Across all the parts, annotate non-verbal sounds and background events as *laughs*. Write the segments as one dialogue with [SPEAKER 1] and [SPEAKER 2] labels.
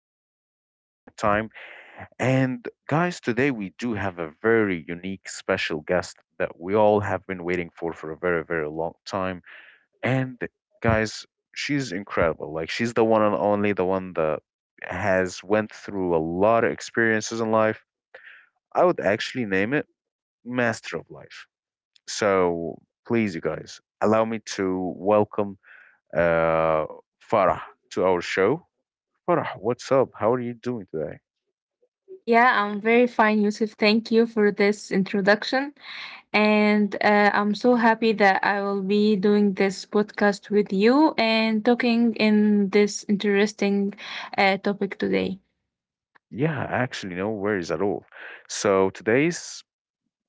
[SPEAKER 1] for a very, very long time. And guys, today we do have a very unique, special guest that we all have been waiting for a very, very long time. And guys, she's incredible. Like she's the one and only, the one that has went through a lot of experiences in life. I would actually name it Master of Life. So please, you guys, allow me to welcome uh, Farah to our show. Farah, what's up? How are you doing today?
[SPEAKER 2] Yeah, I'm very fine, Yusuf. Thank you for this introduction. And I'm so happy that I will be doing this podcast with you and talking in this interesting topic today.
[SPEAKER 1] Yeah, actually, no worries at all. So today's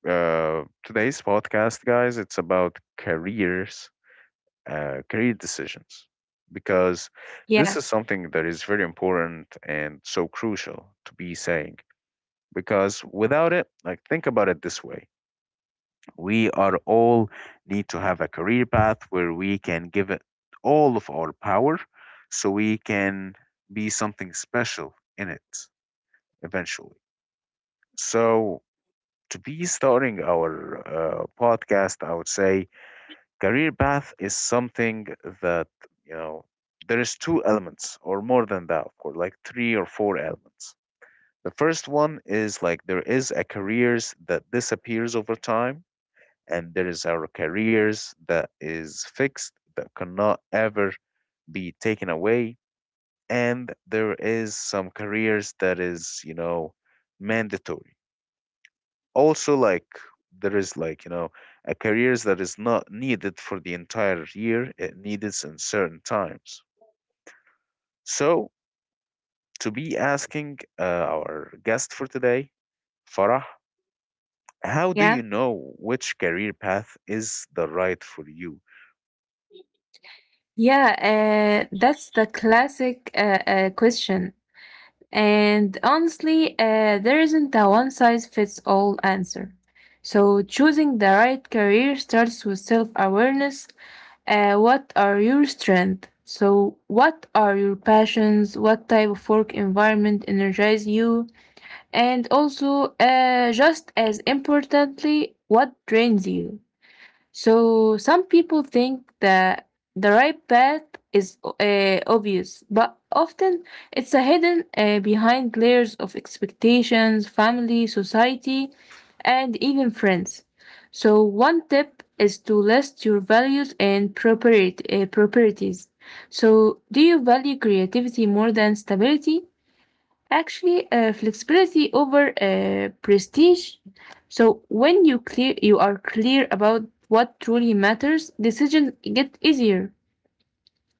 [SPEAKER 1] uh, today's podcast, guys, it's about careers, career decisions, because
[SPEAKER 2] Yeah,
[SPEAKER 1] this is something that is very important and so crucial to be saying. Because without it, like think about it this way: we are all need to have a career path where we can give it all of our power so we can be something special in it eventually, so to be starting our podcast, I would say career path is something that, you know, there is two elements or more than that, of course, like three or four elements. The first one is like there is a careers that disappears over time, and there is our careers that is fixed that cannot ever be taken away, and there is some careers that is, you know, mandatory also. Like there is, like, you know, a careers that is not needed for the entire year, it needs in certain times. So to be asking our guest for today, Farah, how do
[SPEAKER 2] yeah,
[SPEAKER 1] you know which career path is the right for you?
[SPEAKER 2] yeah. That's the classic question. And honestly, there isn't a one size fits all answer. So, choosing the right career starts with self awareness. What are your strengths? So, what are your passions? What type of work environment energizes you? And also, just as importantly, what drains you? So some people think that the right path is obvious, but often it's a hidden behind layers of expectations, family, society, and even friends. So one tip is to list your values and properties. So do you value creativity more than stability? Actually, flexibility over prestige. So you are clear about what truly matters, decisions get easier.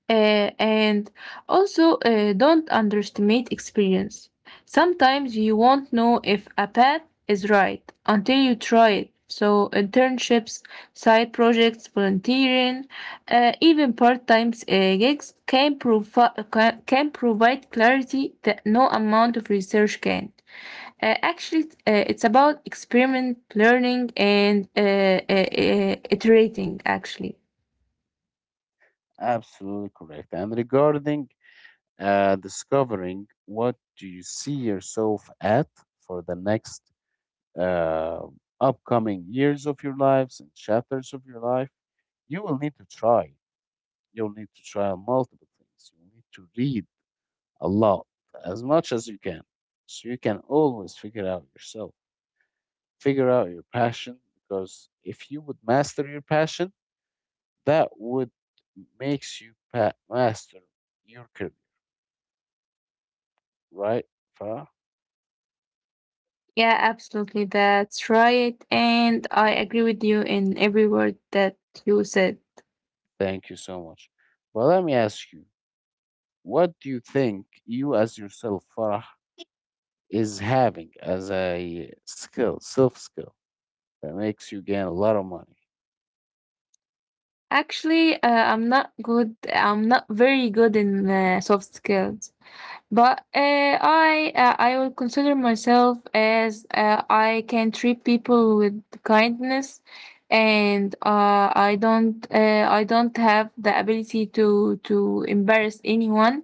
[SPEAKER 2] And also, don't underestimate experience. Sometimes you won't know if a path is right until you try it. So, internships, side projects, volunteering, even part time gigs can provide clarity that no amount of research can. Actually, it's about experiment, learning, and iterating, actually.
[SPEAKER 1] Absolutely correct. And regarding discovering what do you see yourself at for the next uh, upcoming years of your lives and chapters of your life, you will need to try. You'll need to try on multiple things. You need to read a lot, as much as you can. So you can always figure out yourself, figure out your passion, because if you would master your passion, that would makes you master your career, right? Farah?
[SPEAKER 2] Yeah, absolutely. That's right. And I agree with you in every word that you said.
[SPEAKER 1] Thank you so much. Well, let me ask you, what do you think you as yourself, Farah, is having as a skill, self skill, that makes you gain a lot of money?
[SPEAKER 2] Actually, I'm not good. I'm not very good in soft skills. But I will consider myself as I can treat people with kindness, and I don't have the ability to embarrass anyone.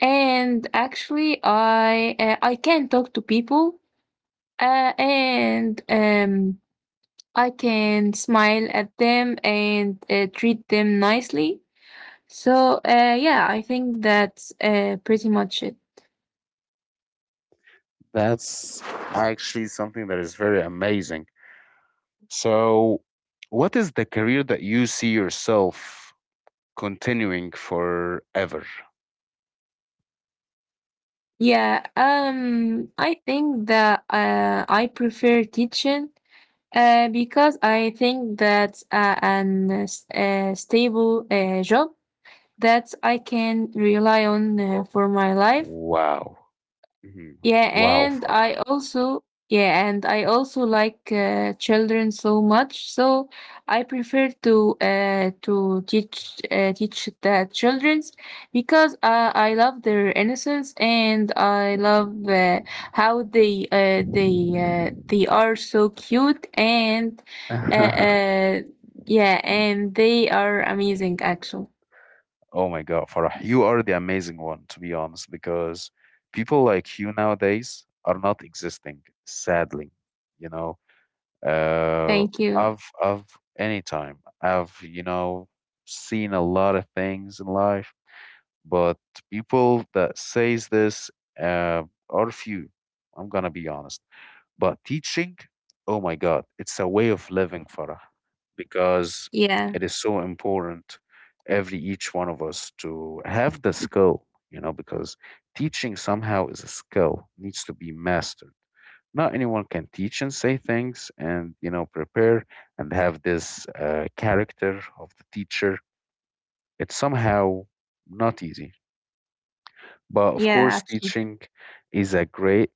[SPEAKER 2] And actually, I can talk to people, and I can smile at them and treat them nicely. So yeah, I think that's pretty much it.
[SPEAKER 1] That's actually something that is very amazing. So, what is the career that you see yourself continuing forever?
[SPEAKER 2] Yeah, I think that I prefer teaching because I think that's an s- stable job that I can rely on for my life.
[SPEAKER 1] Wow. Mhm. Wow, Farah.
[SPEAKER 2] Yeah, and I also like children so much, so I prefer to teach the childrens because I love their innocence and I love how they are so cute and uh,
[SPEAKER 1] *laughs*
[SPEAKER 2] uh, yeah, and they are amazing actually.
[SPEAKER 1] Oh my God, Farah, you are the amazing one, to be honest, because people like you nowadays are not existing, sadly. You know, uh,
[SPEAKER 2] Thank you.
[SPEAKER 1] I've, I've, anytime, you know, seen a lot of things in life, but people that says this uh, are few. I'm gonna be honest. But teaching, oh my God, it's a way of living, Farah, because
[SPEAKER 2] Yeah,
[SPEAKER 1] it is so important every each one of us to have the skill, you know, because teaching somehow is a skill, needs to be mastered. Not anyone can teach and say things and, you know, prepare and have this character of the teacher. It's somehow not easy. But of
[SPEAKER 2] yeah,
[SPEAKER 1] course,
[SPEAKER 2] absolutely.
[SPEAKER 1] teaching is a great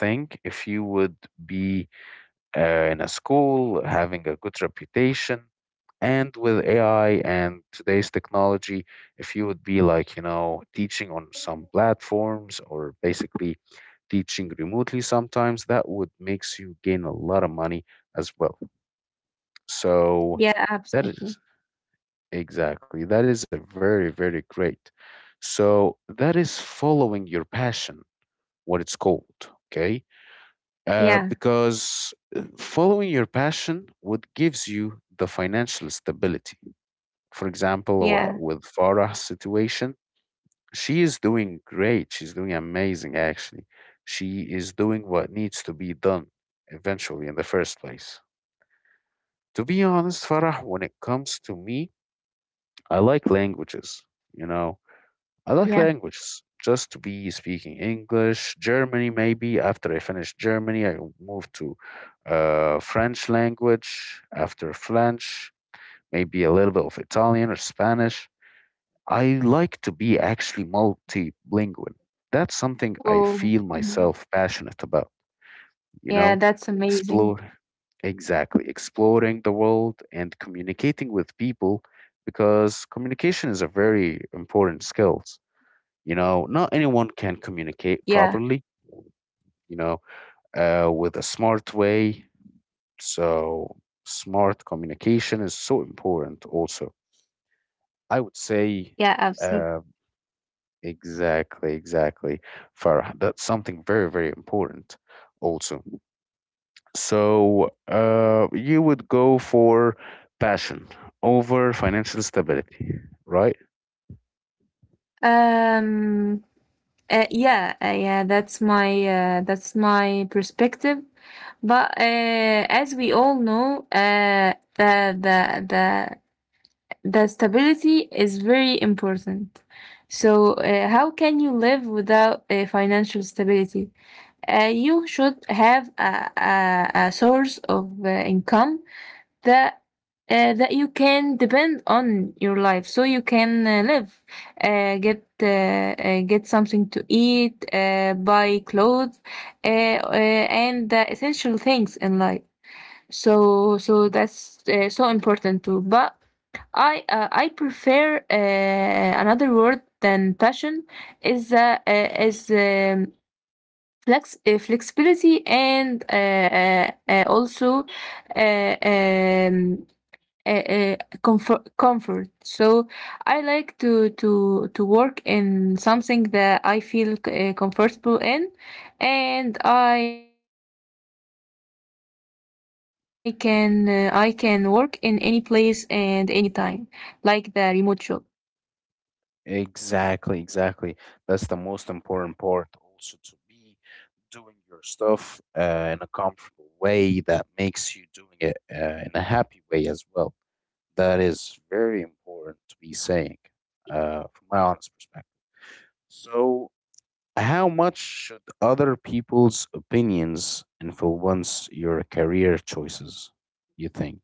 [SPEAKER 1] thing if you would be in a school, having a good reputation. And with AI and today's technology, if you would be, like, you know, teaching on some platforms or basically teaching remotely sometimes, that would makes you gain a lot of money as well. So
[SPEAKER 2] Yeah,
[SPEAKER 1] that
[SPEAKER 2] absolutely.
[SPEAKER 1] is exactly, that is a very, very great. So that is following your passion, what it's called. Okay,
[SPEAKER 2] Yeah,
[SPEAKER 1] because following your passion what gives you the financial stability, for example,
[SPEAKER 2] yeah.
[SPEAKER 1] with Farah's situation, she is doing great, she's doing amazing, actually. She is doing what needs to be done eventually in the first place. To be honest, Farah, when it comes to me, I like languages, you know. I like
[SPEAKER 2] Yeah.
[SPEAKER 1] languages, just to be speaking English, Germany maybe. After I finish Germany, I move to French language. After French, maybe a little bit of Italian or Spanish. I like to be actually multilingual. That's something I
[SPEAKER 2] Oh,
[SPEAKER 1] feel
[SPEAKER 2] mhm.
[SPEAKER 1] myself passionate about, you
[SPEAKER 2] Yeah,
[SPEAKER 1] know?
[SPEAKER 2] that's amazing.
[SPEAKER 1] Explore, exactly, exploring the world and communicating with people because communication is a very important skill,
[SPEAKER 2] Yeah,
[SPEAKER 1] you know, not anyone can communicate properly, you know, with a smart way. So, smart communication is so important, also. I would
[SPEAKER 2] yeah,
[SPEAKER 1] say,
[SPEAKER 2] absolutely.
[SPEAKER 1] uh, exactly, exactly, Farah. That's something very, very important, also. So, you would go for passion over financial stability, right?
[SPEAKER 2] Um, yeah, that's my perspective. But as we all know, the stability is very important. So, how can you live without financial stability? You should have a source of income that that you can depend on your life so you can live get something to eat, buy clothes, and the essential things in life. So that's so important too. But I prefer another word than passion, is flexibility and also uh, um, uh, comfort. So I like to work in something that I feel comfortable in, and I can I can work in any place and any time, like the remote job.
[SPEAKER 1] Exactly, exactly. That's the most important part also, to be doing your stuff in a comfortable way that makes you doing it in a happy way as well. That is very important to be saying from my honest perspective. So, how much should other people's opinions influence your career choices, you think?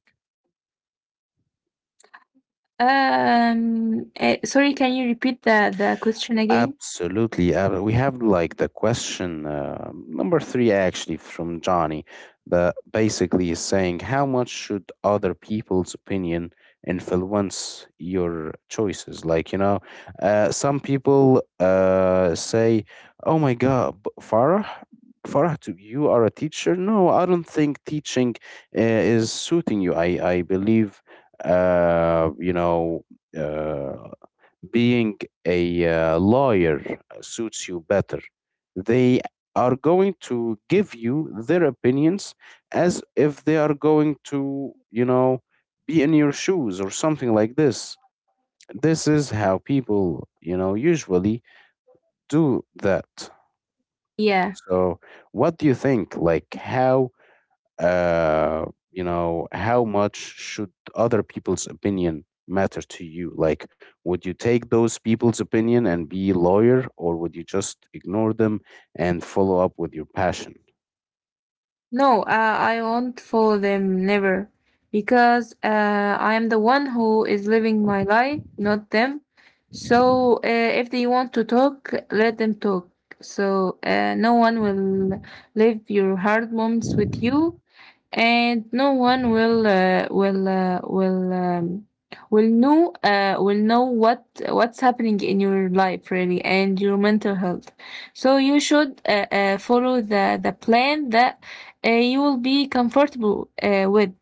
[SPEAKER 2] Sorry, can you repeat the question again?
[SPEAKER 1] Absolutely. We have like the question number three, actually, from Johnny, that basically is saying, how much should other people's opinion influence your choices? Like, you know, some people say, oh my God, Farah, Farah, you are a teacher? No, I don't think teaching is suiting you. I believe, you know, uh, being a lawyer suits you better. They are going to give you their opinions as if they are going to, you know, be in your shoes or something like this. This is how people, you know, usually do that.
[SPEAKER 2] Yeah.
[SPEAKER 1] So, what do you think? Like, how, uh, you know, how much should other people's opinion matter to you? Like, would you take those people's opinion and be lawyer, or would you just ignore them and follow up with your passion?
[SPEAKER 2] No, I won't follow them, never. Because I am the one who is living my life, not them. So if they want to talk, let them talk. So no one will live your hard moments with you, and no one will know what's happening in your life really, and your mental health. So you should follow the plan that you will be comfortable with,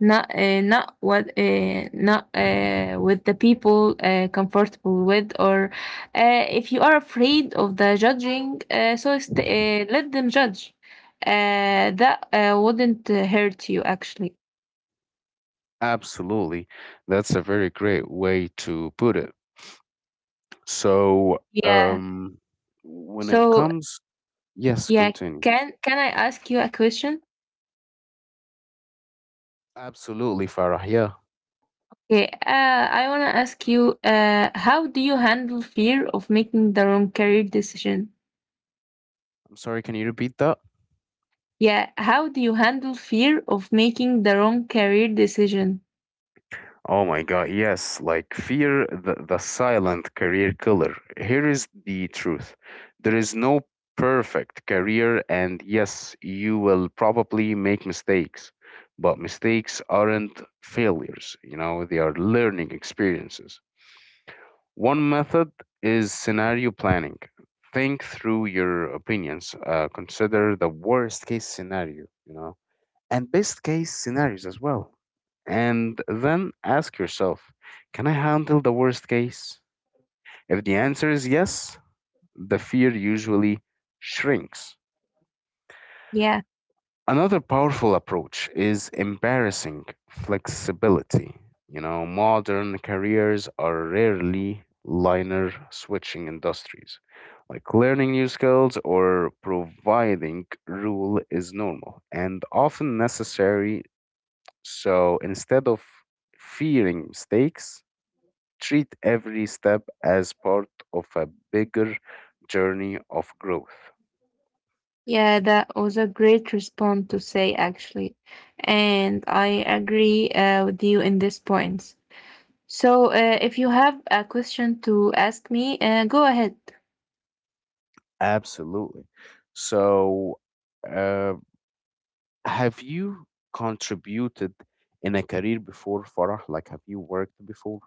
[SPEAKER 2] not not what not with the people comfortable with. Or if you are afraid of the judging, let them judge. That wouldn't hurt you, actually.
[SPEAKER 1] Absolutely. That's a very great way to put it. So,
[SPEAKER 2] Yeah,
[SPEAKER 1] when it
[SPEAKER 2] so
[SPEAKER 1] comes, yes,
[SPEAKER 2] yeah,
[SPEAKER 1] continue.
[SPEAKER 2] can I ask you a question?
[SPEAKER 1] Absolutely, Farah. Yeah.
[SPEAKER 2] Okay, I want to ask you, how do you handle fear of making the wrong career decision?
[SPEAKER 1] I'm sorry, can you repeat that?
[SPEAKER 2] Yeah, how do you handle fear of making the wrong career decision?
[SPEAKER 1] Oh my God, yes, like fear, the silent career killer. Here is the truth, there is no perfect career, and yes, you will probably make mistakes, but mistakes aren't failures, you know, they are learning experiences. One method is scenario planning. Think through your opinions, consider the worst case scenario, you know, and best case scenarios as well. And then ask yourself, can I handle the worst case? If the answer is yes, the fear usually shrinks.
[SPEAKER 2] Yeah,
[SPEAKER 1] Another powerful approach is embarrassing flexibility. You know, modern careers are rarely liner switching industries. Like learning new skills or providing rule is normal and often necessary. So instead of fearing mistakes, treat every step as part of a bigger journey of growth.
[SPEAKER 2] yeah, that was a great response to say, actually. And I agree with you in this point. So, if you have a question to ask me, go ahead.
[SPEAKER 1] Absolutely. So, uh, have you contributed in a career before, Farah? Like, have you worked before?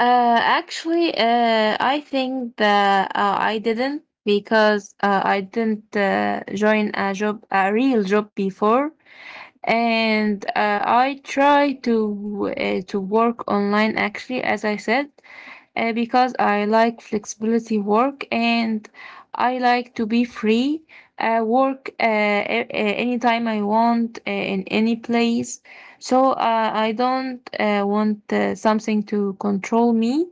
[SPEAKER 2] Actually, I think that I didn't, because I didn't join a job, a real job before. And I try to work online, actually, as I said, because I like flexibility work, and I like to be free, work anytime I want, in any place. So I don't want something to control me.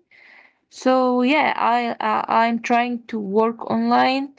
[SPEAKER 2] So yeah, I'm trying to work online,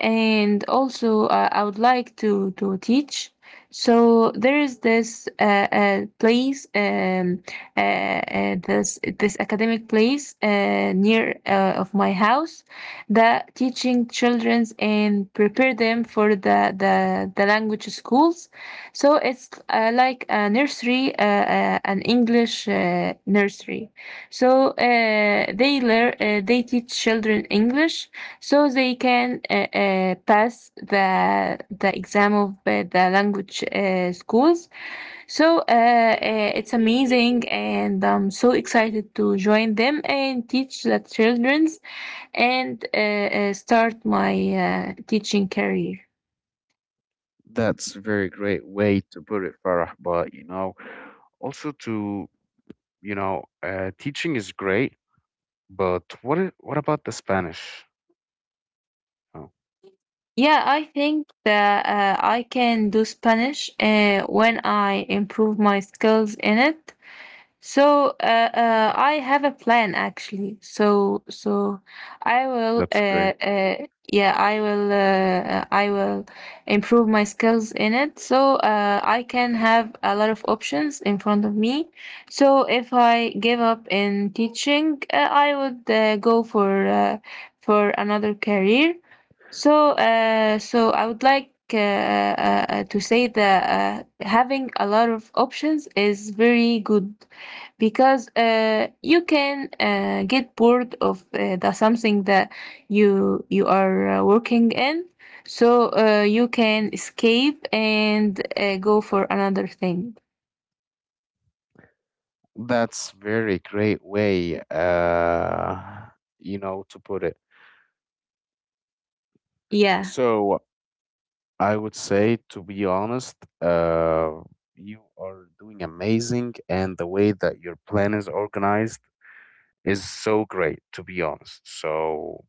[SPEAKER 2] and also I would like to teach. So there is this place, this academic place near of my house that teaching childrens and prepare them for the language schools. So it's like a nursery, an English nursery. So they learn, they teach children English, so they can pass the exam of the language schools. So it's amazing, and I'm so excited to join them and teach the childrens and start my teaching career.
[SPEAKER 1] That's a very great way to put it, Farah. But you know, also to, you know, teaching is great, but what about the Spanish? Oh,
[SPEAKER 2] Yeah, I think that I can do Spanish when I improve my skills in it. So I have a plan, actually. So so I will
[SPEAKER 1] that's great.
[SPEAKER 2] uh, yeah, I will improve my skills in it, so I can have a lot of options in front of me. So if I give up in teaching, I would go for another career. So, I would like to say that having a lot of options is very good, because you can get bored of the something that you are working in, so you can escape and go for another thing.
[SPEAKER 1] That's very great way, you know, to put it.
[SPEAKER 2] Yeah.
[SPEAKER 1] So I would say, to be honest, uh, you are doing amazing, and the way that your plan is organized is so great, to be honest. So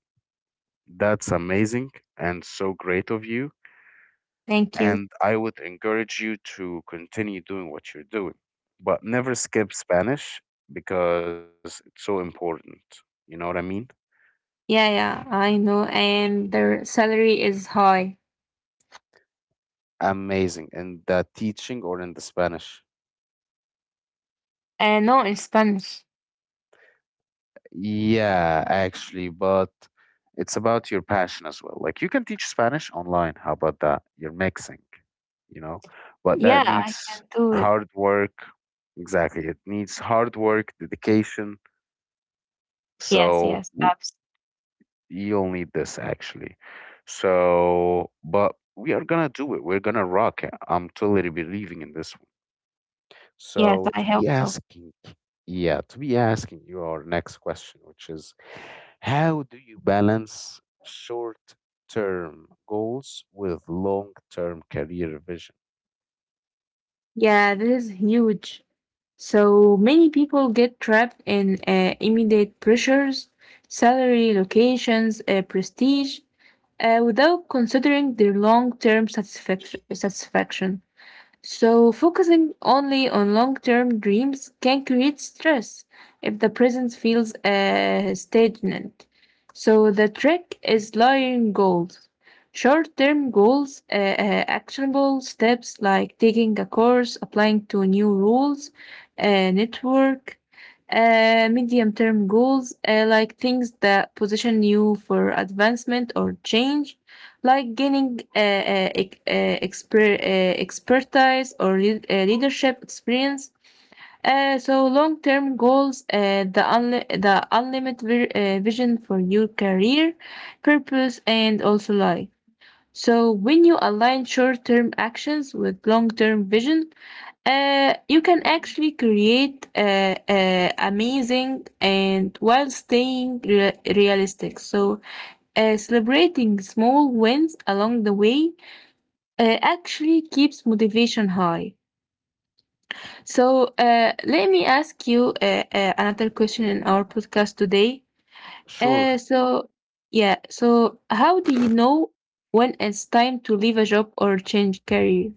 [SPEAKER 1] that's amazing and so great of you.
[SPEAKER 2] Thank you.
[SPEAKER 1] And I would encourage you to continue doing what you're doing, but never skip Spanish because it's so important. You know what I mean?
[SPEAKER 2] Yeah, yeah, I know, and their salary is high.
[SPEAKER 1] Amazing. In the teaching or in the Spanish?
[SPEAKER 2] Uh, no, in Spanish.
[SPEAKER 1] Yeah, actually, but it's about your passion as well. Like you can teach Spanish online. How about that? You're mixing, you know, but that
[SPEAKER 2] Yeah, I
[SPEAKER 1] needs
[SPEAKER 2] can do it.
[SPEAKER 1] hard work. Exactly. It needs hard work, dedication.
[SPEAKER 2] Yes,
[SPEAKER 1] So
[SPEAKER 2] yes,
[SPEAKER 1] w-
[SPEAKER 2] abs-.
[SPEAKER 1] you'll need this actually. So, but we are gonna do it. We're gonna rock it. I'm totally believing in this.
[SPEAKER 2] Yes,
[SPEAKER 1] So
[SPEAKER 2] I
[SPEAKER 1] to be
[SPEAKER 2] hope so.
[SPEAKER 1] asking, yeah, to be asking your next question, which is how do you balance short-term goals with long-term career vision?
[SPEAKER 2] Yeah, this is huge. So many people get trapped in immediate pressures, salary, locations, prestige, without considering their long term satisfaction. So, focusing only on long term dreams can create stress if the present feels stagnant. So, the trick is layering goals. Short term goals, actionable steps like taking a course, applying to new rules, network. Medium term goals, like things that position you for advancement or change, like gaining expertise or leadership experience. So long-term goals, the unlimited vision for your career, purpose, and also life. So when you align short-term actions with long-term vision, you can actually create amazing, and while staying realistic. So celebrating small wins along the way actually keeps motivation high. So, let me ask you another question in our podcast today.
[SPEAKER 1] Sure.
[SPEAKER 2] Uh, so, yeah, so how do you know when it's time to leave a job or change career?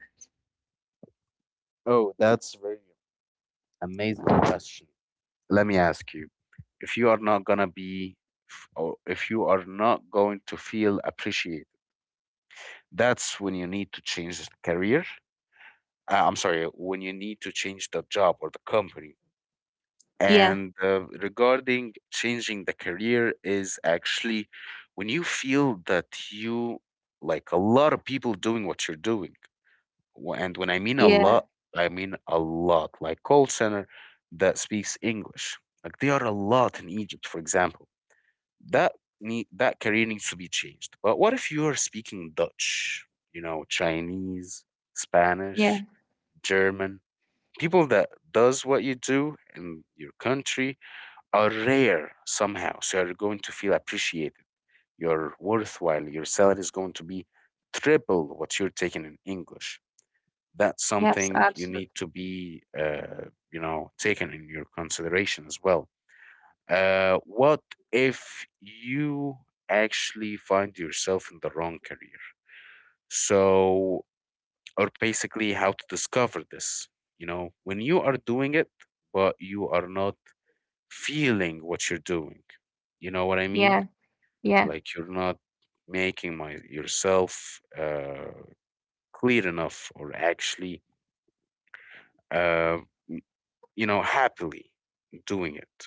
[SPEAKER 1] Oh, that's very amazing question. Let me ask you, if you are not gonna be, or if you are not going to feel appreciated, that's when you need to change the career. I'm sorry, when you need to change the job or the company.
[SPEAKER 2] Yeah,
[SPEAKER 1] And regarding changing the career is actually when you feel that you, like, a lot of people doing what you're doing. And when I mean a
[SPEAKER 2] yeah,
[SPEAKER 1] lot, I mean a lot, like call center that speaks English. Like there are a lot in Egypt, for example. That need, that career needs to be changed. But what if you are speaking Dutch, you know, Chinese, Spanish,
[SPEAKER 2] yeah,
[SPEAKER 1] German, people that does what you do in your country are rare somehow. So you're going to feel appreciated. You're worthwhile. Your salary is going to be triple what you're taking in English. That's
[SPEAKER 2] yes,
[SPEAKER 1] something you
[SPEAKER 2] absolutely.
[SPEAKER 1] need to be, you know, taken in your consideration as well. What if you actually find yourself in the wrong career? So, or basically, how to discover this? You know, when you are doing it, but you are not feeling what you're doing. You know what I mean?
[SPEAKER 2] Yeah, yeah,
[SPEAKER 1] Like you're not making my yourself clear enough, or actually, uh, you know, happily doing it.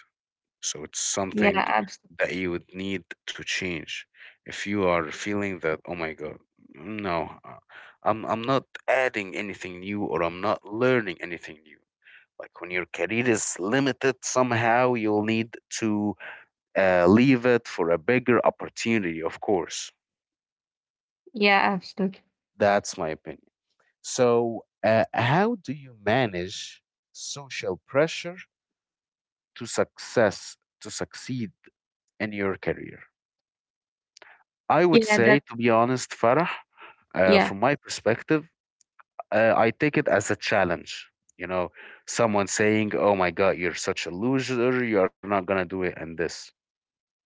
[SPEAKER 1] So it's
[SPEAKER 2] yeah,
[SPEAKER 1] something
[SPEAKER 2] absolutely.
[SPEAKER 1] that you would need to change if you are feeling that, oh my god, no, I'm not adding anything new, or I'm not learning anything new. Like when your career is limited somehow, you'll need to leave it for a bigger opportunity, of course.
[SPEAKER 2] Yeah, absolutely.
[SPEAKER 1] That's my opinion. So, how do you manage social pressure to succeed in your career? I would
[SPEAKER 2] Yeah,
[SPEAKER 1] say,
[SPEAKER 2] that.
[SPEAKER 1] to be honest, Farah,
[SPEAKER 2] Yeah,
[SPEAKER 1] from my perspective, I take it as a challenge. You know, someone saying, "Oh my God, you're such a loser. You are not gonna do it." And this,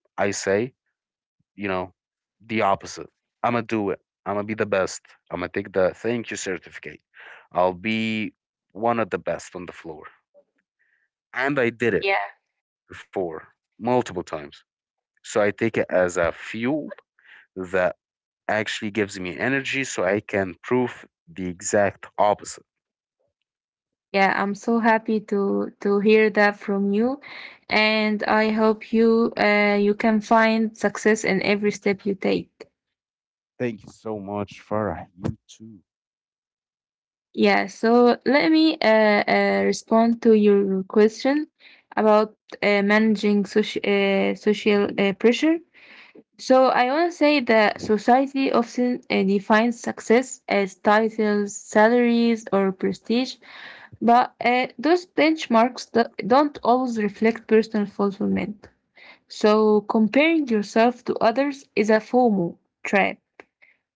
[SPEAKER 1] I say, you know, the opposite. I'm gonna do it. I'm gonna be the best. I'm gonna take the thank you certificate. I'll be one of the best on the floor, and I did it
[SPEAKER 2] yeah.
[SPEAKER 1] before multiple times. So I take it as a fuel that actually gives me energy, so I can prove the exact opposite.
[SPEAKER 2] Yeah, I'm so happy to hear that from you, and I hope you you can find success in every step you take.
[SPEAKER 1] Thank you so much, Farah. You too.
[SPEAKER 2] Yeah, so let me respond to your question about managing social pressure. So I want to say that society often defines success as titles, salaries, or prestige, but those benchmarks don't always reflect personal fulfillment. So comparing yourself to others is a FOMO trap,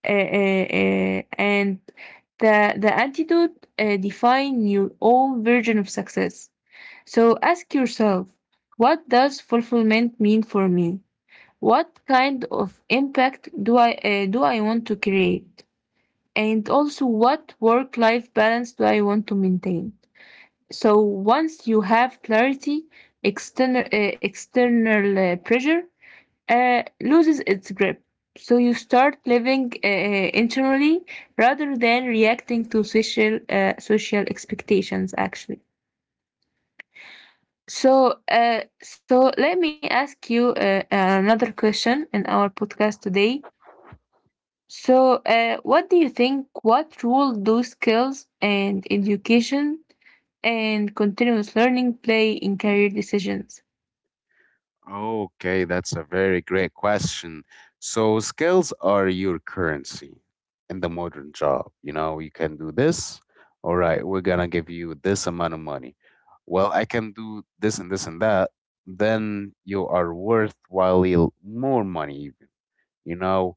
[SPEAKER 2] and the antidote, define your own version of success. So ask yourself, what does fulfillment mean for me? What kind of impact do I want to create? And also, what work-life balance do I want to maintain? So once you have clarity, external pressure loses its grip. So you start living internally rather than reacting to social expectations. Actually, so let me ask you another question in our podcast today. So, what do you think? What role do skills and education and continuous learning play in career decisions?
[SPEAKER 1] Okay, that's a very great question. So, skills are your currency in the modern job. You know, you can do this. All right, we're going to give you this amount of money. Well, I can do this and this and that. Then you are worthwhile more money, even. You know,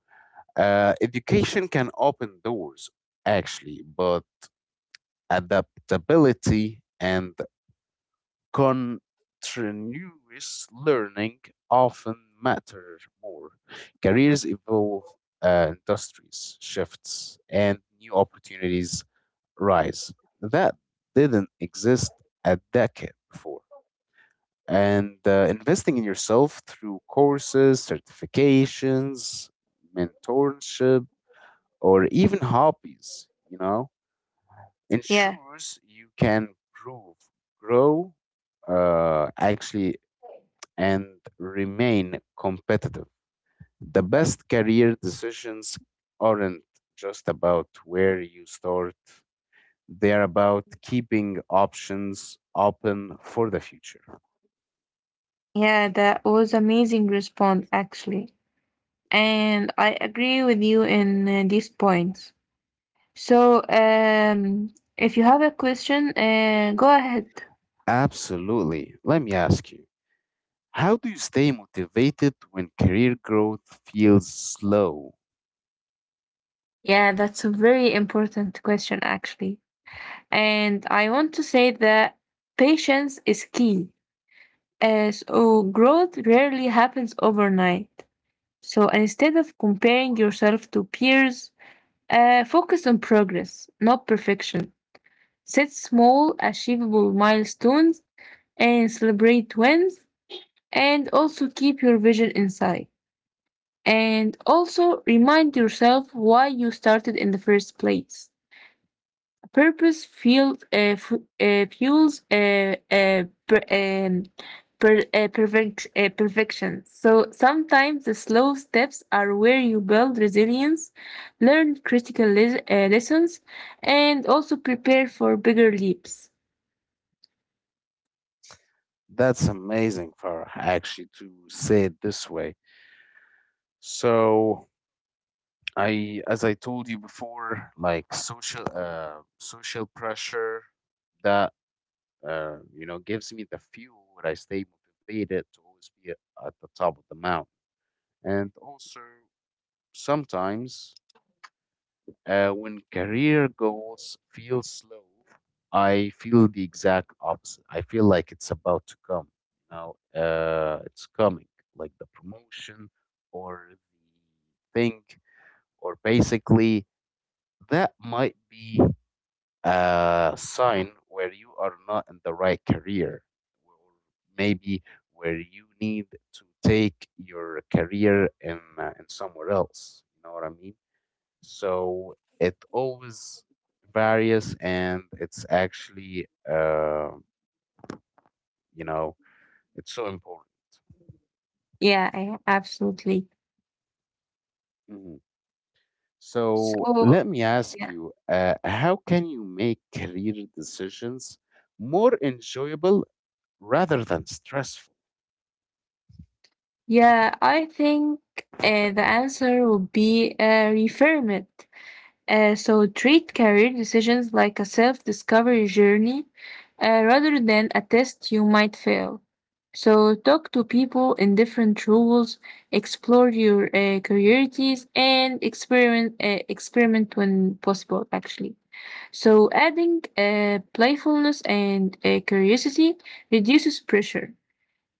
[SPEAKER 1] education can open doors, actually, but adaptability and continuous learning often matter more. Careers evolve, industries shifts, and new opportunities rise. That didn't exist a decade before. And investing in yourself through courses, certifications, mentorship, or even hobbies, you know,
[SPEAKER 2] Yeah,
[SPEAKER 1] ensures you can prove, grow, uh, actually, and remain competitive. The best career decisions aren't just about where you start, they're about keeping options open for the future.
[SPEAKER 2] yeah, that was amazing response, actually. And I agree with you in these points. So, if you have a question, go ahead.
[SPEAKER 1] Absolutely. Let me ask you, how do you stay motivated when career growth feels slow?
[SPEAKER 2] Yeah, that's a very important question actually. And I want to say that patience is key. So growth rarely happens overnight. So instead of comparing yourself to peers, focus on progress, not perfection. Set small, achievable milestones and celebrate wins, and also keep your vision in sight. And also remind yourself why you started in the first place. Purpose fueled fu- fuels per, per, perfect, perfection. So sometimes the slow steps are where you build resilience, learn critical lessons, and also prepare for bigger leaps.
[SPEAKER 1] That's amazing, Farah, actually, to say it this way. So I, as I told you before, like social, social pressure that, you know, gives me the fuel when I stay motivated to always be at the top of the mountain. And also sometimes, when career goals feel slow, I feel the exact opposite. I feel like it's about to come. You know, it's coming, like the promotion or the thing, or basically, that might be a sign where you are not in the right career, or maybe where you need to take your career in somewhere else. You know what I mean? So it always varies, and it's actually, you know, it's so important.
[SPEAKER 2] Absolutely.
[SPEAKER 1] Mhm. So
[SPEAKER 2] So
[SPEAKER 1] let me ask
[SPEAKER 2] yeah,
[SPEAKER 1] you, how can you make career decisions more enjoyable rather than stressful?
[SPEAKER 2] yeah, I think the answer would be referment. So treat career decisions like a self-discovery journey rather than a test you might fail. So talk to people in different roles, explore your priorities, and experiment when possible. Actually, so adding playfulness and curiosity reduces pressure.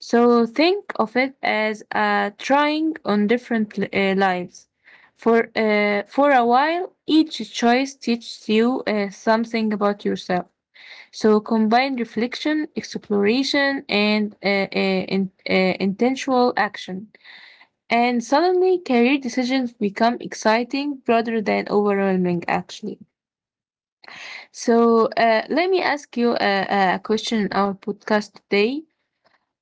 [SPEAKER 2] So think of it as trying on different lives. For a while, each choice teaches you something about yourself. So combine reflection, exploration, and intentional action. And suddenly, career decisions become exciting rather than overwhelming, actually. So let me ask you a question in our podcast today.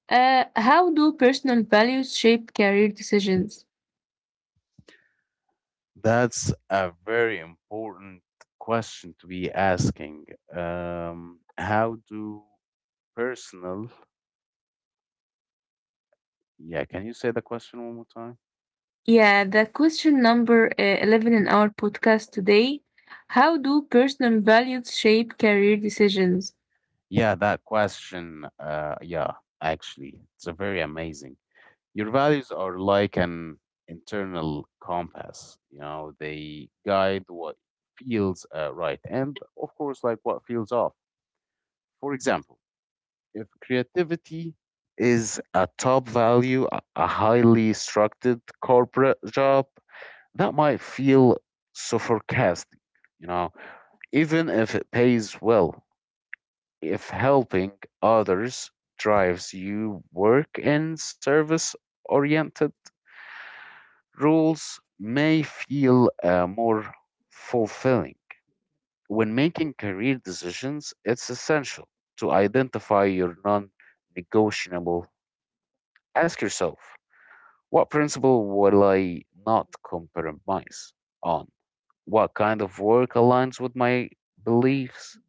[SPEAKER 2] How do personal values shape career decisions?
[SPEAKER 1] That's a very important question to be asking. How do personal, yeah, can you say the question one more time?
[SPEAKER 2] Yeah, the question number 11 in our podcast today. How do personal values shape career decisions?
[SPEAKER 1] Yeah, that question, yeah, actually, it's a very amazing. Your values are like an internal compass, you know, they guide what feels right, and, of course, like what feels off. For example, if creativity is a top value, a highly structured corporate job, that might feel suffocating, you know, even if it pays well. If helping others drives you, work and service oriented roles may feel more fulfilling. When making career decisions, it's essential to identify your non negotiable. Ask yourself, what principle will I not compromise on? What kind of work aligns with my beliefs?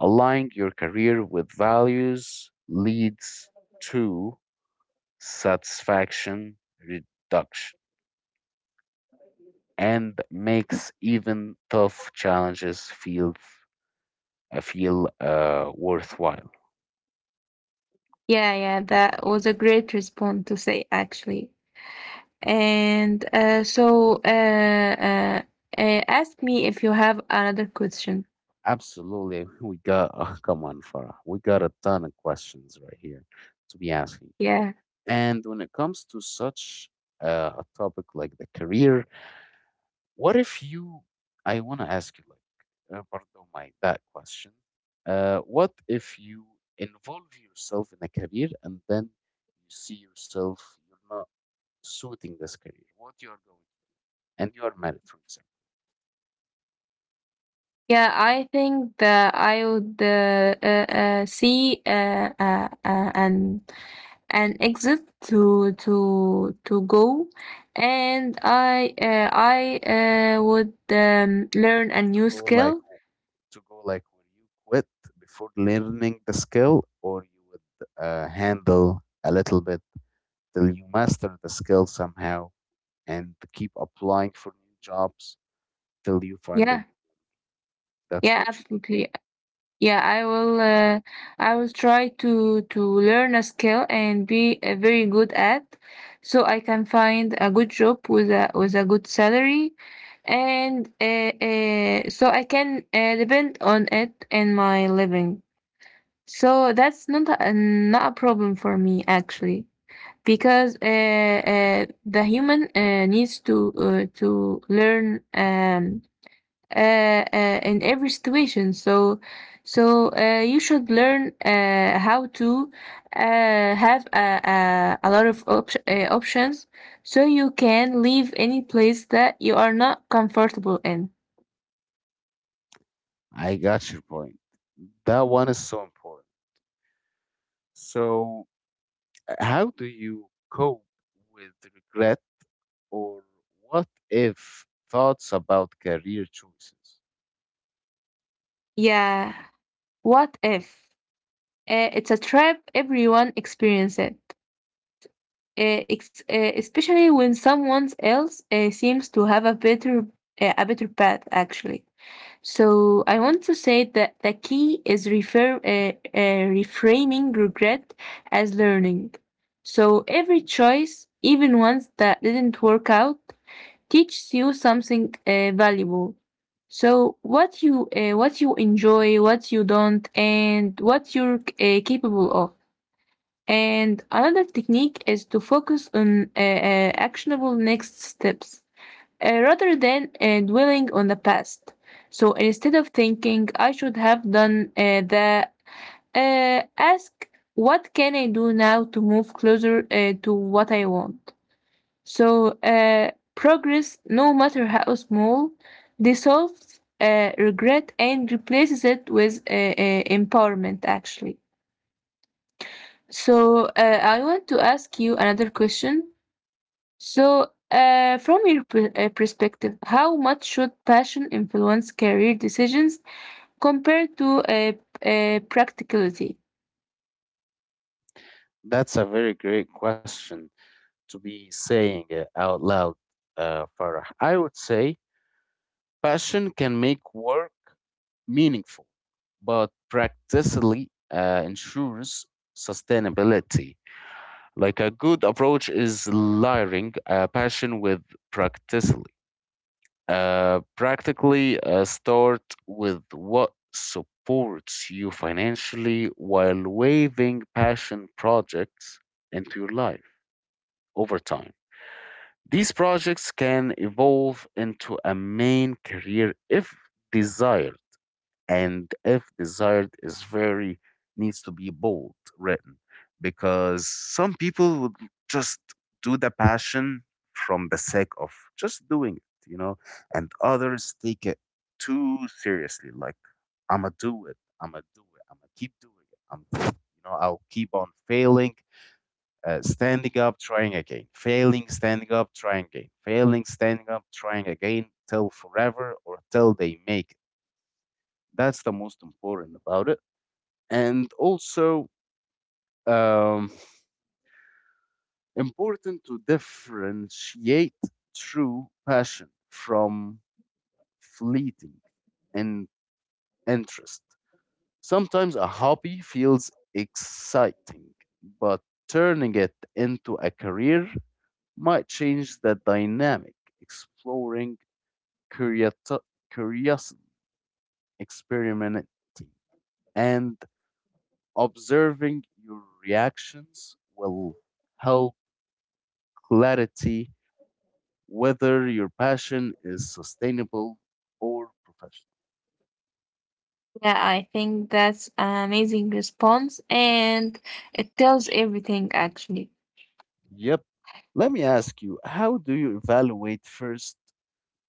[SPEAKER 1] Aligning your career with values leads to satisfaction reduction, and makes even tough challenges feel worthwhile.
[SPEAKER 2] Yeah, yeah, that was a great response to say actually. And uh, so, uh, uh, Ask me if you have another question.
[SPEAKER 1] Absolutely, we got, oh, come on, Farah. We got a ton of questions right here to be asking.
[SPEAKER 2] Yeah.
[SPEAKER 1] And when it comes to such a topic like the career, What if you, I want to ask you, like, برضه my that question. What if you involve yourself in a career, and then you see yourself you're not suiting this career, what you are going, and you are married, for example,
[SPEAKER 2] Yeah, I think that I would see an exit to go, and I would learn a
[SPEAKER 1] to
[SPEAKER 2] new
[SPEAKER 1] go like
[SPEAKER 2] skill.
[SPEAKER 1] w- to go like, will you quit before learning the skill, or you would handle a little bit till you master the skill somehow and keep applying for new jobs till you find a
[SPEAKER 2] Yeah,
[SPEAKER 1] new one. That's
[SPEAKER 2] yeah,
[SPEAKER 1] what you do.
[SPEAKER 2] absolutely. Yeah, I will. I will try to learn a skill and be very good at, so I can find a good job with a good salary, and so I can depend on it in my living. So that's not a problem for me actually, because the human needs to learn. Uh, in every situation. So you should learn how to have a lot of options so you can leave any place that you are not comfortable in.
[SPEAKER 1] I got your point. That one is so important. So, how do you cope with regret or what if thoughts about career choices?
[SPEAKER 2] Yeah, what if? It's a trap, everyone experience it. uh, Especially when someone else seems to have a better path actually. So I want to say that the key is reframing regret as learning. So every choice, even ones that didn't work out, teaches you something valuable. So what you enjoy, what you don't, and what you're capable of. And another technique is to focus on actionable next steps rather than dwelling on the past. So instead of thinking, I should have done that, ask, what can I do now to move closer to what I want? So progress, no matter how small, dissolves regret and replaces it with empowerment, actually. So I want to ask you another question. So from your perspective, how much should passion influence career decisions compared to practicality?
[SPEAKER 1] That's a very great question to be saying it out loud, Farah. I would say passion can make work meaningful, but practically ensures sustainability. Like a good approach is layering a passion with practically. Practically, start with what supports you financially while waiving passion projects into your life over time. These projects can evolve into a main career if desired, and if desired is very needs to be bold written, because some people would just do the passion from the sake of just doing it, you know, and others take it too seriously, like, i'ma do it, i'ma keep doing it, i'm, you know, I'll keep on failing, standing up, trying again, failing, standing up, trying again, failing, standing up, trying again, till forever or till they make it. That's the most important about it. And also, um, important to differentiate true passion from fleeting and interest. Sometimes a hobby feels exciting, but turning it into a career might change the dynamic. Exploring curiosity, curiosity, experimenting, and observing your reactions will help clarity whether your passion is sustainable or professional.
[SPEAKER 2] Yeah, I think that's an amazing response, and it tells everything actually.
[SPEAKER 1] Yep. Let me ask you, how do you evaluate first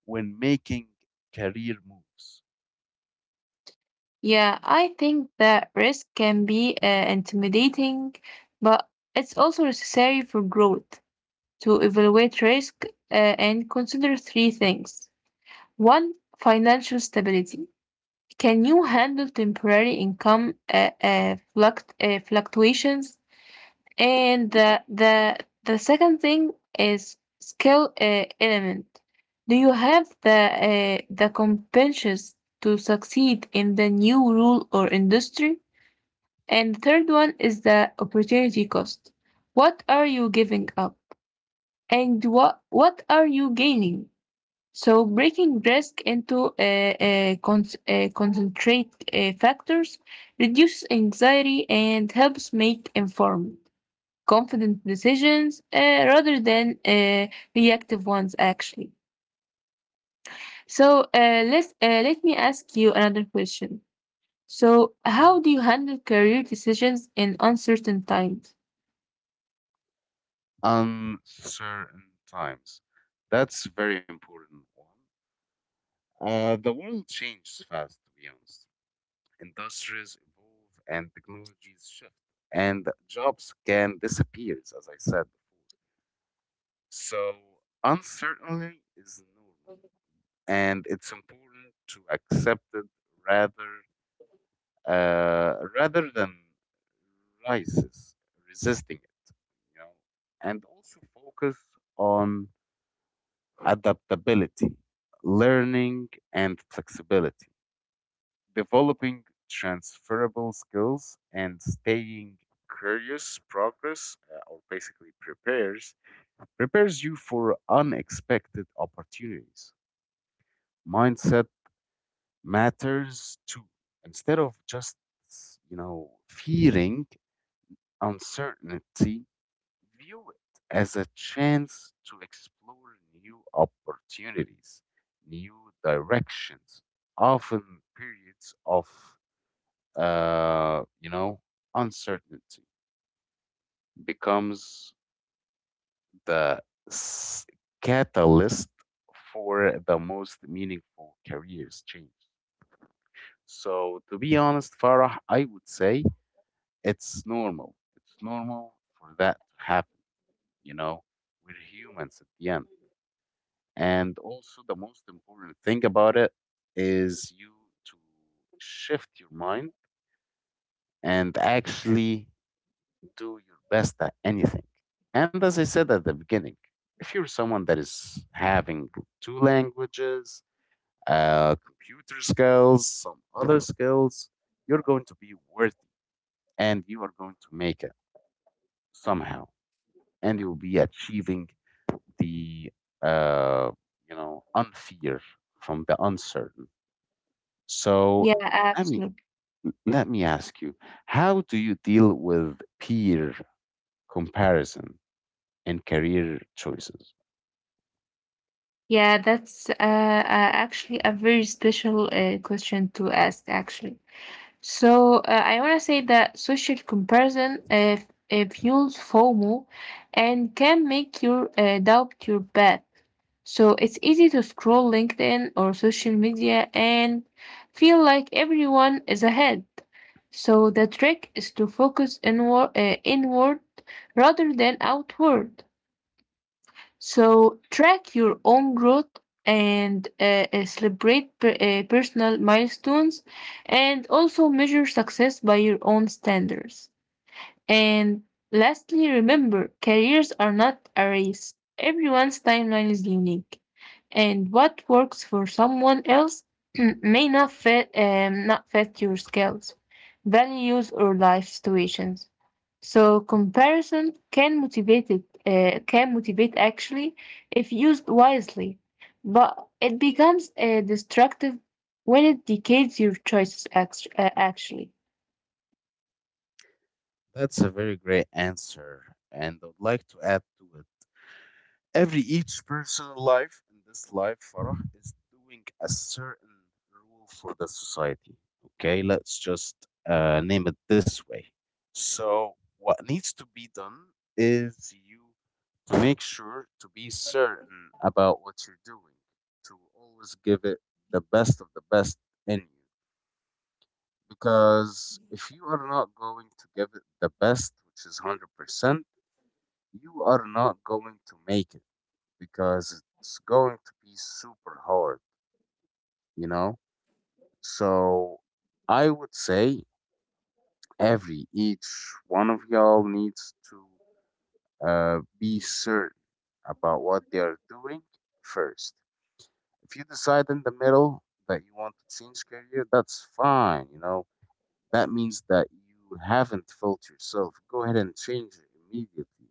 [SPEAKER 1] when making career moves?
[SPEAKER 2] Yeah, I think that risk can be intimidating, but it's also necessary for growth to evaluate risk and consider three things. One, financial stability. Can you handle temporary income fluctuations? And the second thing is skill element. Do you have the competencies to succeed in the new rule or industry? And the third one is the opportunity cost. What are you giving up? And what are you gaining? So breaking risk into concentrate factors reduces anxiety and helps make informed, confident decisions rather than reactive ones, actually. So let me ask you another question. So
[SPEAKER 1] Mm.
[SPEAKER 2] how do you handle career decisions in uncertain times?
[SPEAKER 1] Uncertain times. That's a very important one. The world changes fast, to be honest. Industries evolve and technologies shift, and jobs can disappear, as I said before. So, uncertainty is normal, and it's important to accept it rather rather than rises, resisting it, you know, and also focus on adaptability, learning, and flexibility. Developing transferable skills and staying curious progress or basically prepares you for unexpected opportunities. Mindset matters too. Instead of just, you know, fearing uncertainty, view it as a chance to explore new opportunities, new directions. Often periods of, you know, uncertainty becomes the s- catalyst for the most meaningful careers change. So, to be honest, Farah, I would say it's normal. It's normal for that to happen. You know, we're humans at the end. And also, the most important thing about it is you to shift your mind, and actually do your best at anything. And as I said at the beginning, if you're someone that is having two languages, computer skills, some other skills, you're going to be worthy and you are going to make it somehow. And you'll be achieving the, uh, unfear from the uncertain. So,
[SPEAKER 2] Yeah,
[SPEAKER 1] I mean,
[SPEAKER 2] absolutely.
[SPEAKER 1] let me ask you, how do you deal with peer comparison and career choices?
[SPEAKER 2] Yeah, that's actually a very special question to ask, actually. So I want to say that social comparison fuels FOMO and can make you doubt your path. So it's easy to scroll LinkedIn or social media and feel like everyone is ahead. So the trick is to focus inward rather than outward. So track your own growth and celebrate personal milestones, and also measure success by your own standards. And lastly, remember careers are not a race. Everyone's timeline is unique, and what works for someone else *clears throat* may not fit not fit your skills, values, or life situations. So comparison can motivate it can motivate actually if used wisely, but it becomes destructive when it decays your choices actually.
[SPEAKER 1] That's a very great answer, and I would like to add to it. Every each personal life in this life, Farah, is doing a certain rule for the society. Okay, let's just name it this way. So, what needs to be done is you to make sure to be certain about what you're doing, to always give it the best of the best in you. Because if you are not going to give it the best, which is 100%, you are not going to make it, because it's going to be super hard, you know? So I would say every each one of y'all needs to be certain about what they are doing first. If you decide in the middle that you want to change career, that's fine, you know. That means that you haven't felt yourself. Go ahead and change it immediately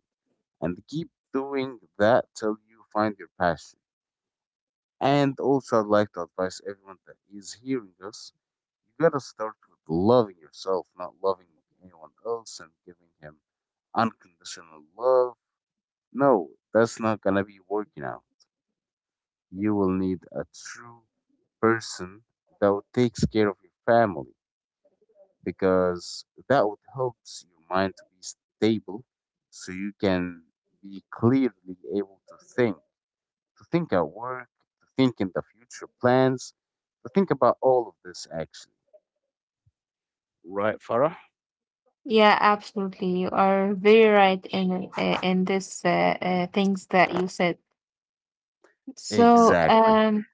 [SPEAKER 1] and keep doing that till you find your passion. And also, I'd like to advise everyone that is hearing us, you gotta start with loving yourself, not loving anyone else and giving him unconditional love. No, that's not gonna be working out. You will need a true person that would takes care of your family, because that would helps your mind to be stable, so you can be clearly able to think at work, to think in the future plans, to think about all of this actually. Right, Farah?
[SPEAKER 2] Yeah, absolutely. You are very right in this things that you said. So,
[SPEAKER 1] Exactly.
[SPEAKER 2] um,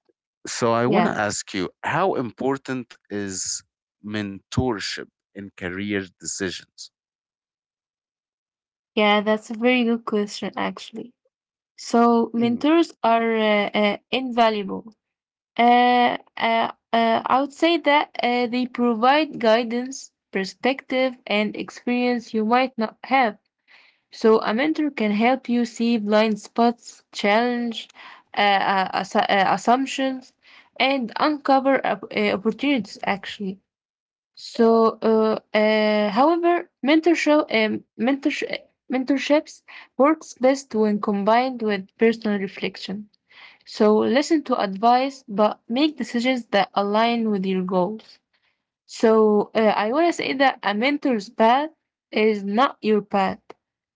[SPEAKER 1] So I want
[SPEAKER 2] yeah,
[SPEAKER 1] to ask you, how important is mentorship in career decisions?
[SPEAKER 2] yeah, that's a very good question actually. So,
[SPEAKER 1] Mm.
[SPEAKER 2] mentors are invaluable. I would say that they provide guidance, perspective, and experience you might not have. So a mentor can help you see blind spots, challenge assumptions, and uncover opportunities. Actually, however, mentorships works best when combined with personal reflection. So listen to advice, but make decisions that align with your goals. So I want to say that a mentor's path is not your path,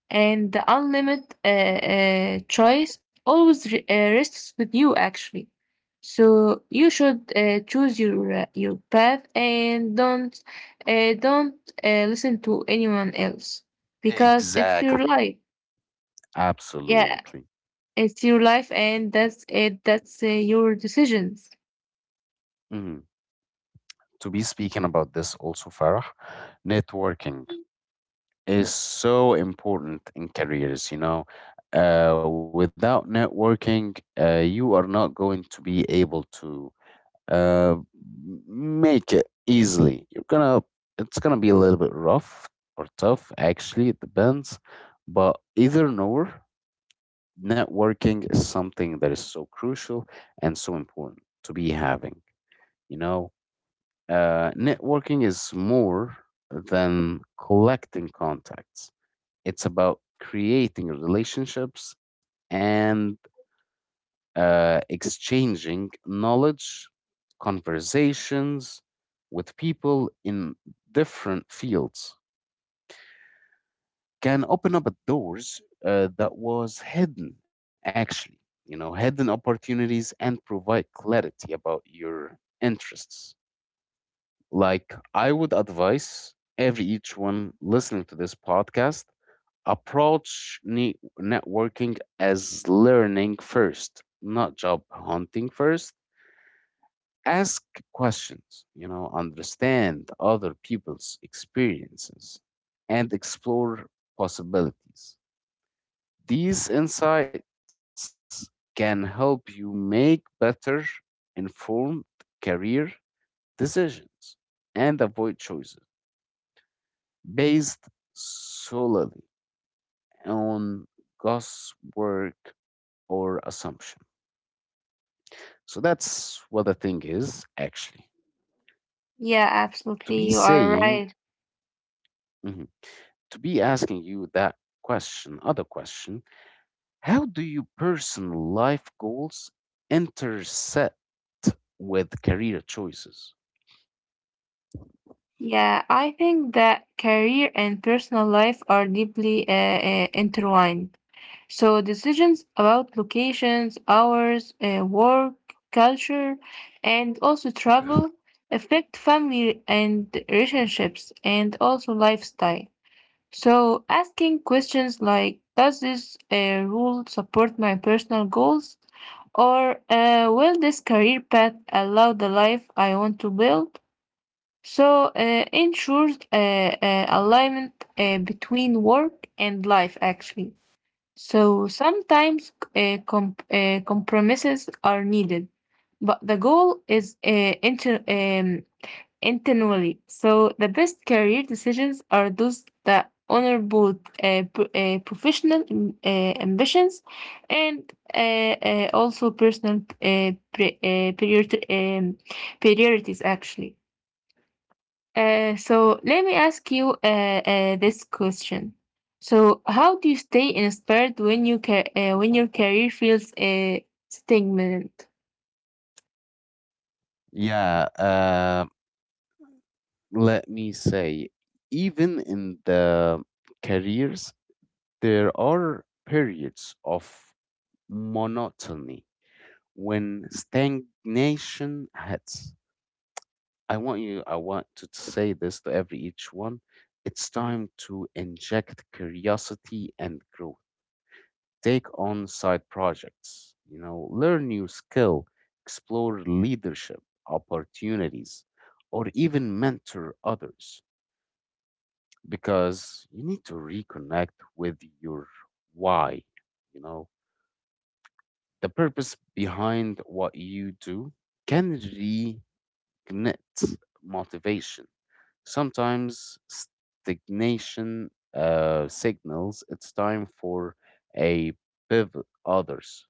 [SPEAKER 2] and the unlimited choice always rests with you actually. So you should choose your path and don't listen to anyone else because it's your
[SPEAKER 1] Exactly.
[SPEAKER 2] life. Yeah,
[SPEAKER 1] Absolutely.
[SPEAKER 2] it's your life, and that's it. That's your decisions.
[SPEAKER 1] Mhm. To be speaking about this also, Farah, networking is so important in careers. You know, without networking, you are not going to be able to uh, make it easily. You're gonna, it's gonna be a little bit rough or tough. Actually, it depends. But either nor, networking is something that is so crucial and so important to be having. You know, networking is more than collecting contacts, it's about creating relationships and exchanging knowledge. Conversations with people in different fields can open up doors that was hidden actually, you know, hidden opportunities, and provide clarity about your interests. Like, I would advise every each one listening to this podcast approach networking as learning first, not job hunting first. Ask questions, you know, understand other people's experiences and explore possibilities. These insights can help you make better informed career decisions and avoid choices based solely on guesswork or assumption. So that's what the thing is actually.
[SPEAKER 2] Yeah,
[SPEAKER 1] To
[SPEAKER 2] absolutely,
[SPEAKER 1] be
[SPEAKER 2] you are
[SPEAKER 1] saying,
[SPEAKER 2] right.
[SPEAKER 1] mhm, to be asking you that question, other question, how do your personal life goals intersect with career choices?
[SPEAKER 2] Yeah, I think that career and personal life are deeply intertwined. So decisions about locations, hours, work, culture, and also travel affect family and relationships and also lifestyle. So asking questions like, does this rule support my personal goals? Or will this career path allow the life I want to build? So ensures alignment between work and life, actually. So sometimes compromises are needed, but the goal is intentionally. So the best career decisions are those that honor both professional ambitions and also personal priorities, actually. So let me ask you this question. So how do you stay inspired when when your career feels stagnant?
[SPEAKER 1] Yeah, let me say, even in the careers, there are periods of monotony. When stagnation hits, I want to say this to every each one. It's time to inject curiosity and growth. Take on side projects, you know, learn new skill, explore leadership opportunities, or even mentor others, because you need to reconnect with your why, you know, the purpose behind what you do can ignite motivation. Sometimes stagnation signals it's time for a pivot, others,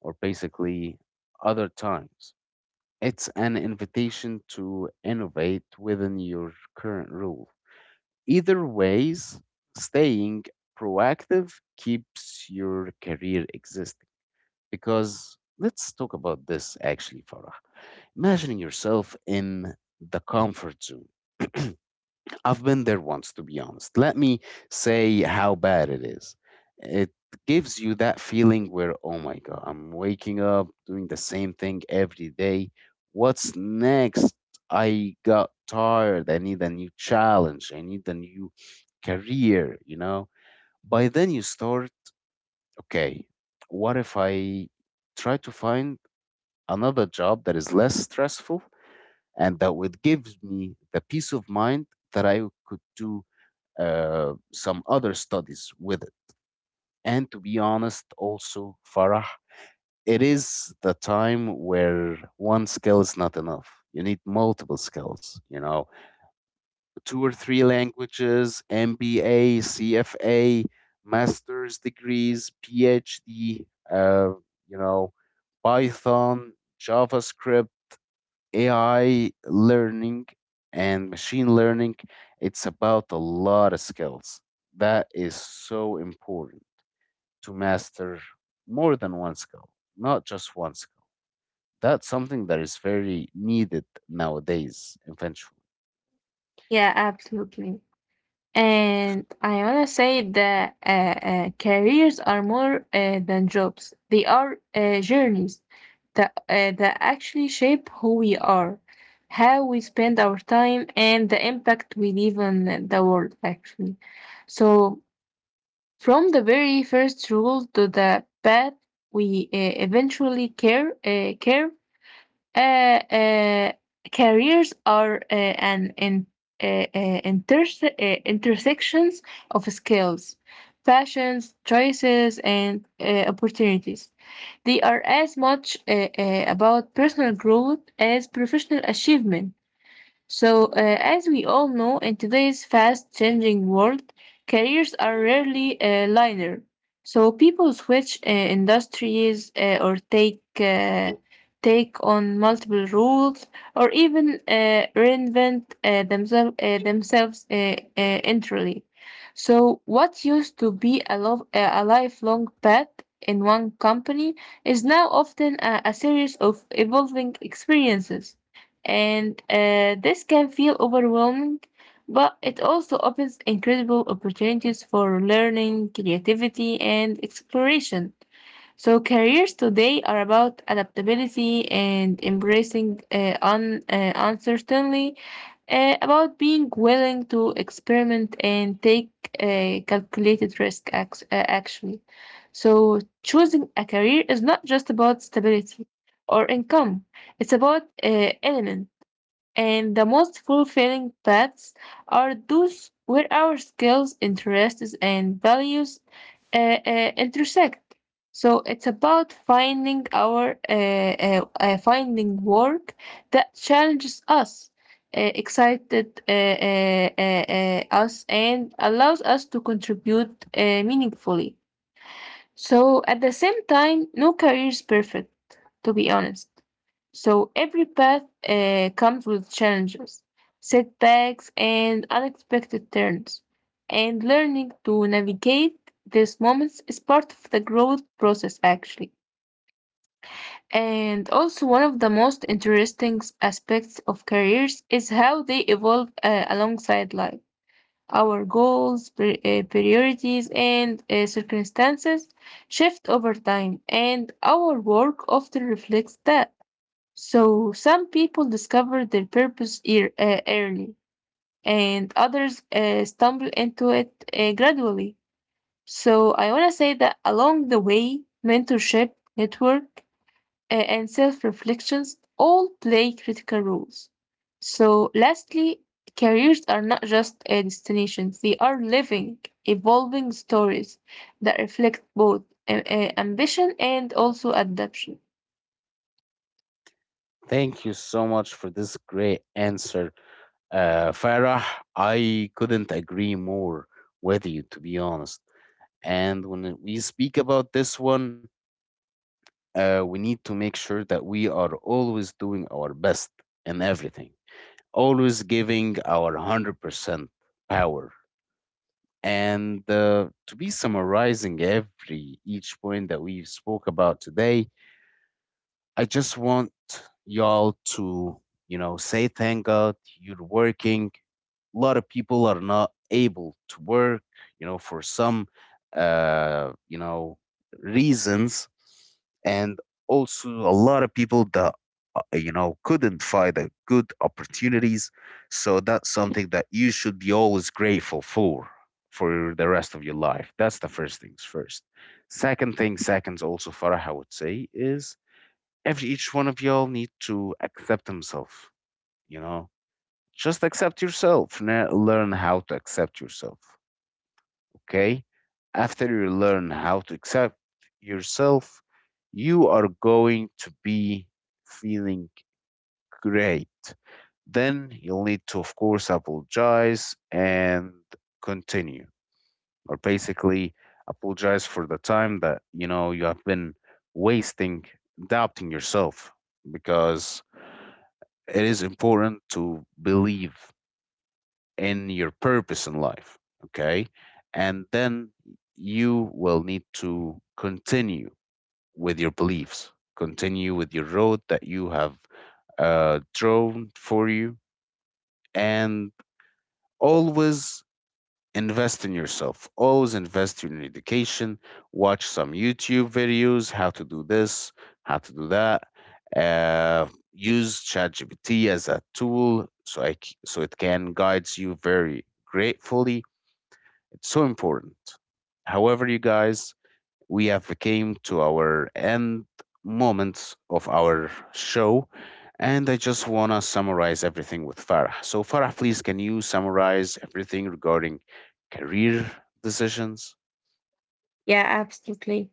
[SPEAKER 1] or basically other times. It's an invitation to innovate within your current rule. Either ways, staying proactive keeps your career existing. Because let's talk about this actually, Farah, imagining yourself in the comfort zone. *clears throat* I've been there once, to be honest. Let me say how bad it is. It gives you that feeling where, oh my God, I'm waking up doing the same thing every day. What's next? I got tired. I need a new challenge. I need a new career, you know? By then, you start, okay, what if I try to find another job that is less stressful and that would gives me the peace of mind that I could do some other studies with it. And to be honest, also, Farah, it is the time where one skill is not enough. You need multiple skills, you know, two or three languages, MBA, CFA, master's degrees, PhD, uh, you know, Python, JavaScript, AI learning and machine learning. It's about a lot of skills. That is so important to master more than one skill, not just one skill. That's something that is very needed nowadays, eventually.
[SPEAKER 2] Yeah, absolutely. And I want to say that careers are more than jobs. They are journeys that actually shape who we are, how we spend our time, and the impact we leave on the world, actually. So from the very first rule to the path we eventually care, care uh, uh, careers are intersections of skills, passions, choices, and opportunities. They are as much about personal growth as professional achievement. So, as we all know, in today's fast changing world, careers are rarely linear. So, people switch industries or take on multiple roles or even reinvent themselves entirely. So, what used to be a lifelong path in one company is now often a series of evolving experiences, and this can feel overwhelming, but it also opens incredible opportunities for learning, creativity, and exploration. So, careers today are about adaptability and embracing uncertainty, about being willing to experiment and take calculated risk, actually. So, choosing a career is not just about stability or income, it's about elements. And the most fulfilling paths are those where our skills, interests, and values uh, intersect. So it's about finding work that challenges us, excited us, and allows us to contribute meaningfully. So at the same time, no career is perfect, to be honest. So every path comes with challenges, setbacks, and unexpected turns. And learning to navigate these moments is part of the growth process, actually. And also, one of the most interesting aspects of careers is how they evolve alongside life. Our goals, priorities, and circumstances shift over time, and our work often reflects that. So, some people discover their purpose early, and others stumble into it gradually. So, I want to say that along the way, mentorship, network, and self reflections all play critical roles. So, lastly, careers are not just destinations, they are living, evolving stories that reflect both ambition and also adaptation.
[SPEAKER 1] Thank you so much for this great answer, Farah. I couldn't agree more with you, to be honest. And when we speak about this one, we need to make sure that we are always doing our best in everything, always giving our 100% power. And to be summarizing every each point that we spoke about today, I just want y'all to, you know, say thank God you're working. A lot of people are not able to work, you know, for some uh you know reasons, and also a lot of people that couldn't find a good opportunities. So that's something that you should be always grateful for the rest of your life. That's the first things first. Second thing seconds, also Farah, I would say is every each one of y'all need to accept himself, you know, just accept yourself. Learn how to accept yourself, okay? After you learn how to accept yourself, you are going to be feeling great. Then you'll need to, of course, apologize and continue, or basically apologize for the time that, you know, you have been wasting doubting yourself, because it is important to believe in your purpose in life. Okay. And then you will need to continue with your beliefs, continue with your road that you have drawn for you, and always invest in yourself. Always invest in your education. Watch some YouTube videos, how to do this, how to do that. Uh, Use ChatGPT as a tool so so it can guide you very gratefully. It's so important. However, you guys, we have came to our end moments of our show, and I just wanna summarize everything with Farah. So, Farah, please, can you summarize everything regarding career decisions?
[SPEAKER 2] Yeah, absolutely.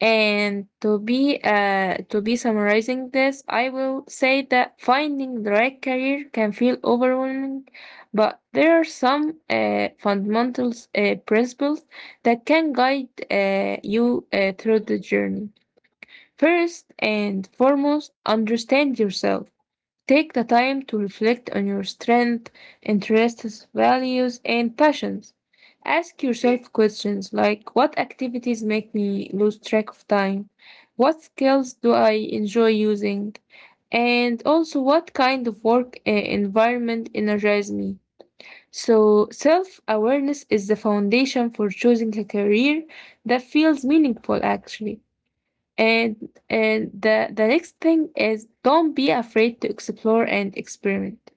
[SPEAKER 2] And to be summarizing this, I will say that finding the right career can feel overwhelming, but there are some fundamental principles that can guide you through the journey. First and foremost, understand yourself. Take the time to reflect on your strengths, interests, values, and passions. Ask yourself questions like, what activities make me lose track of time? What skills do I enjoy using? And also, what kind of work environment energizes me? So, self awareness is the foundation for choosing a career that feels meaningful, actually. And and the next thing is don't be afraid to explore and experiment.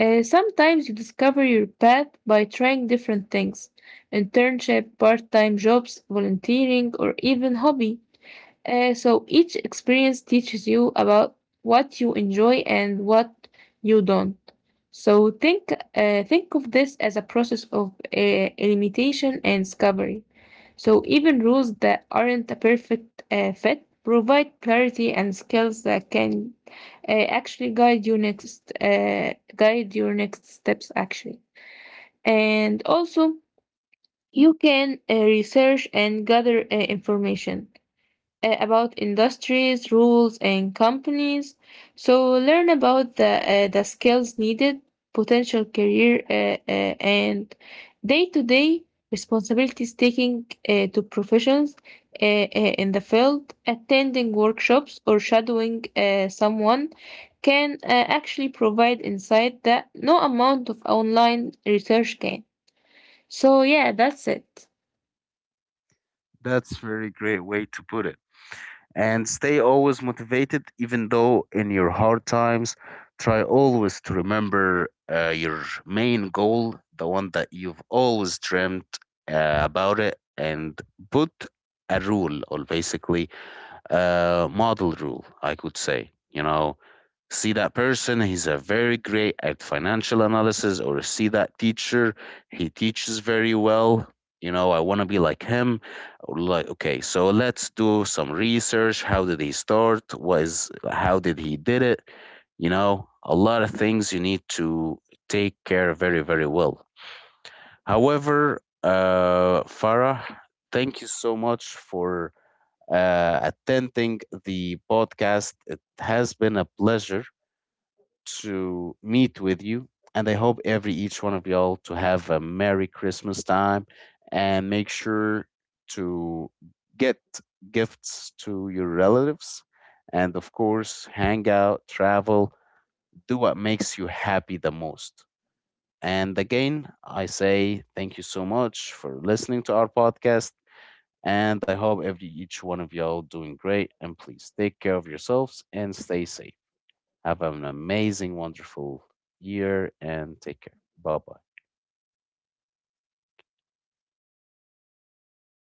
[SPEAKER 2] Sometimes you discover your path by trying different things, internship, part-time jobs, volunteering, or even hobby. So each experience teaches you about what you enjoy and what you don't. So think of this as a process of limitation and discovery. So even rules that aren't a perfect fit provide clarity and skills that can actually guide your next steps actually. And also you can research and gather information about industries, rules, and companies. So learn about the skills needed, potential career, and day-to-day responsibilities, taking to professions in the field. Attending workshops or shadowing someone can actually provide insight that no amount of online research can. So yeah, that's it.
[SPEAKER 1] That's very great way to put it. And stay always motivated even though in your hard times, try always to remember your main goal, the one that you've always dreamt about it, and put a rule, or basically model rule, I could say. You know, see that person, he's a very great at financial analysis, or see that teacher, he teaches very well. You know, I want to be like him. Like, okay, so let's do some research. How did he start? What is how did he did it? You know, a lot of things you need to take care very, very well. However, Farah, thank you so much for attending the podcast. It has been a pleasure to meet with you. And I hope every each one of y'all to have a Merry Christmas time, and make sure to get gifts to your relatives. And of course, hang out, travel, do what makes you happy the most. And again, I say thank you so much for listening to our podcast. And I hope every each one of y'all doing great. And please take care of yourselves and stay safe. Have an amazing, wonderful year and take care. Bye bye.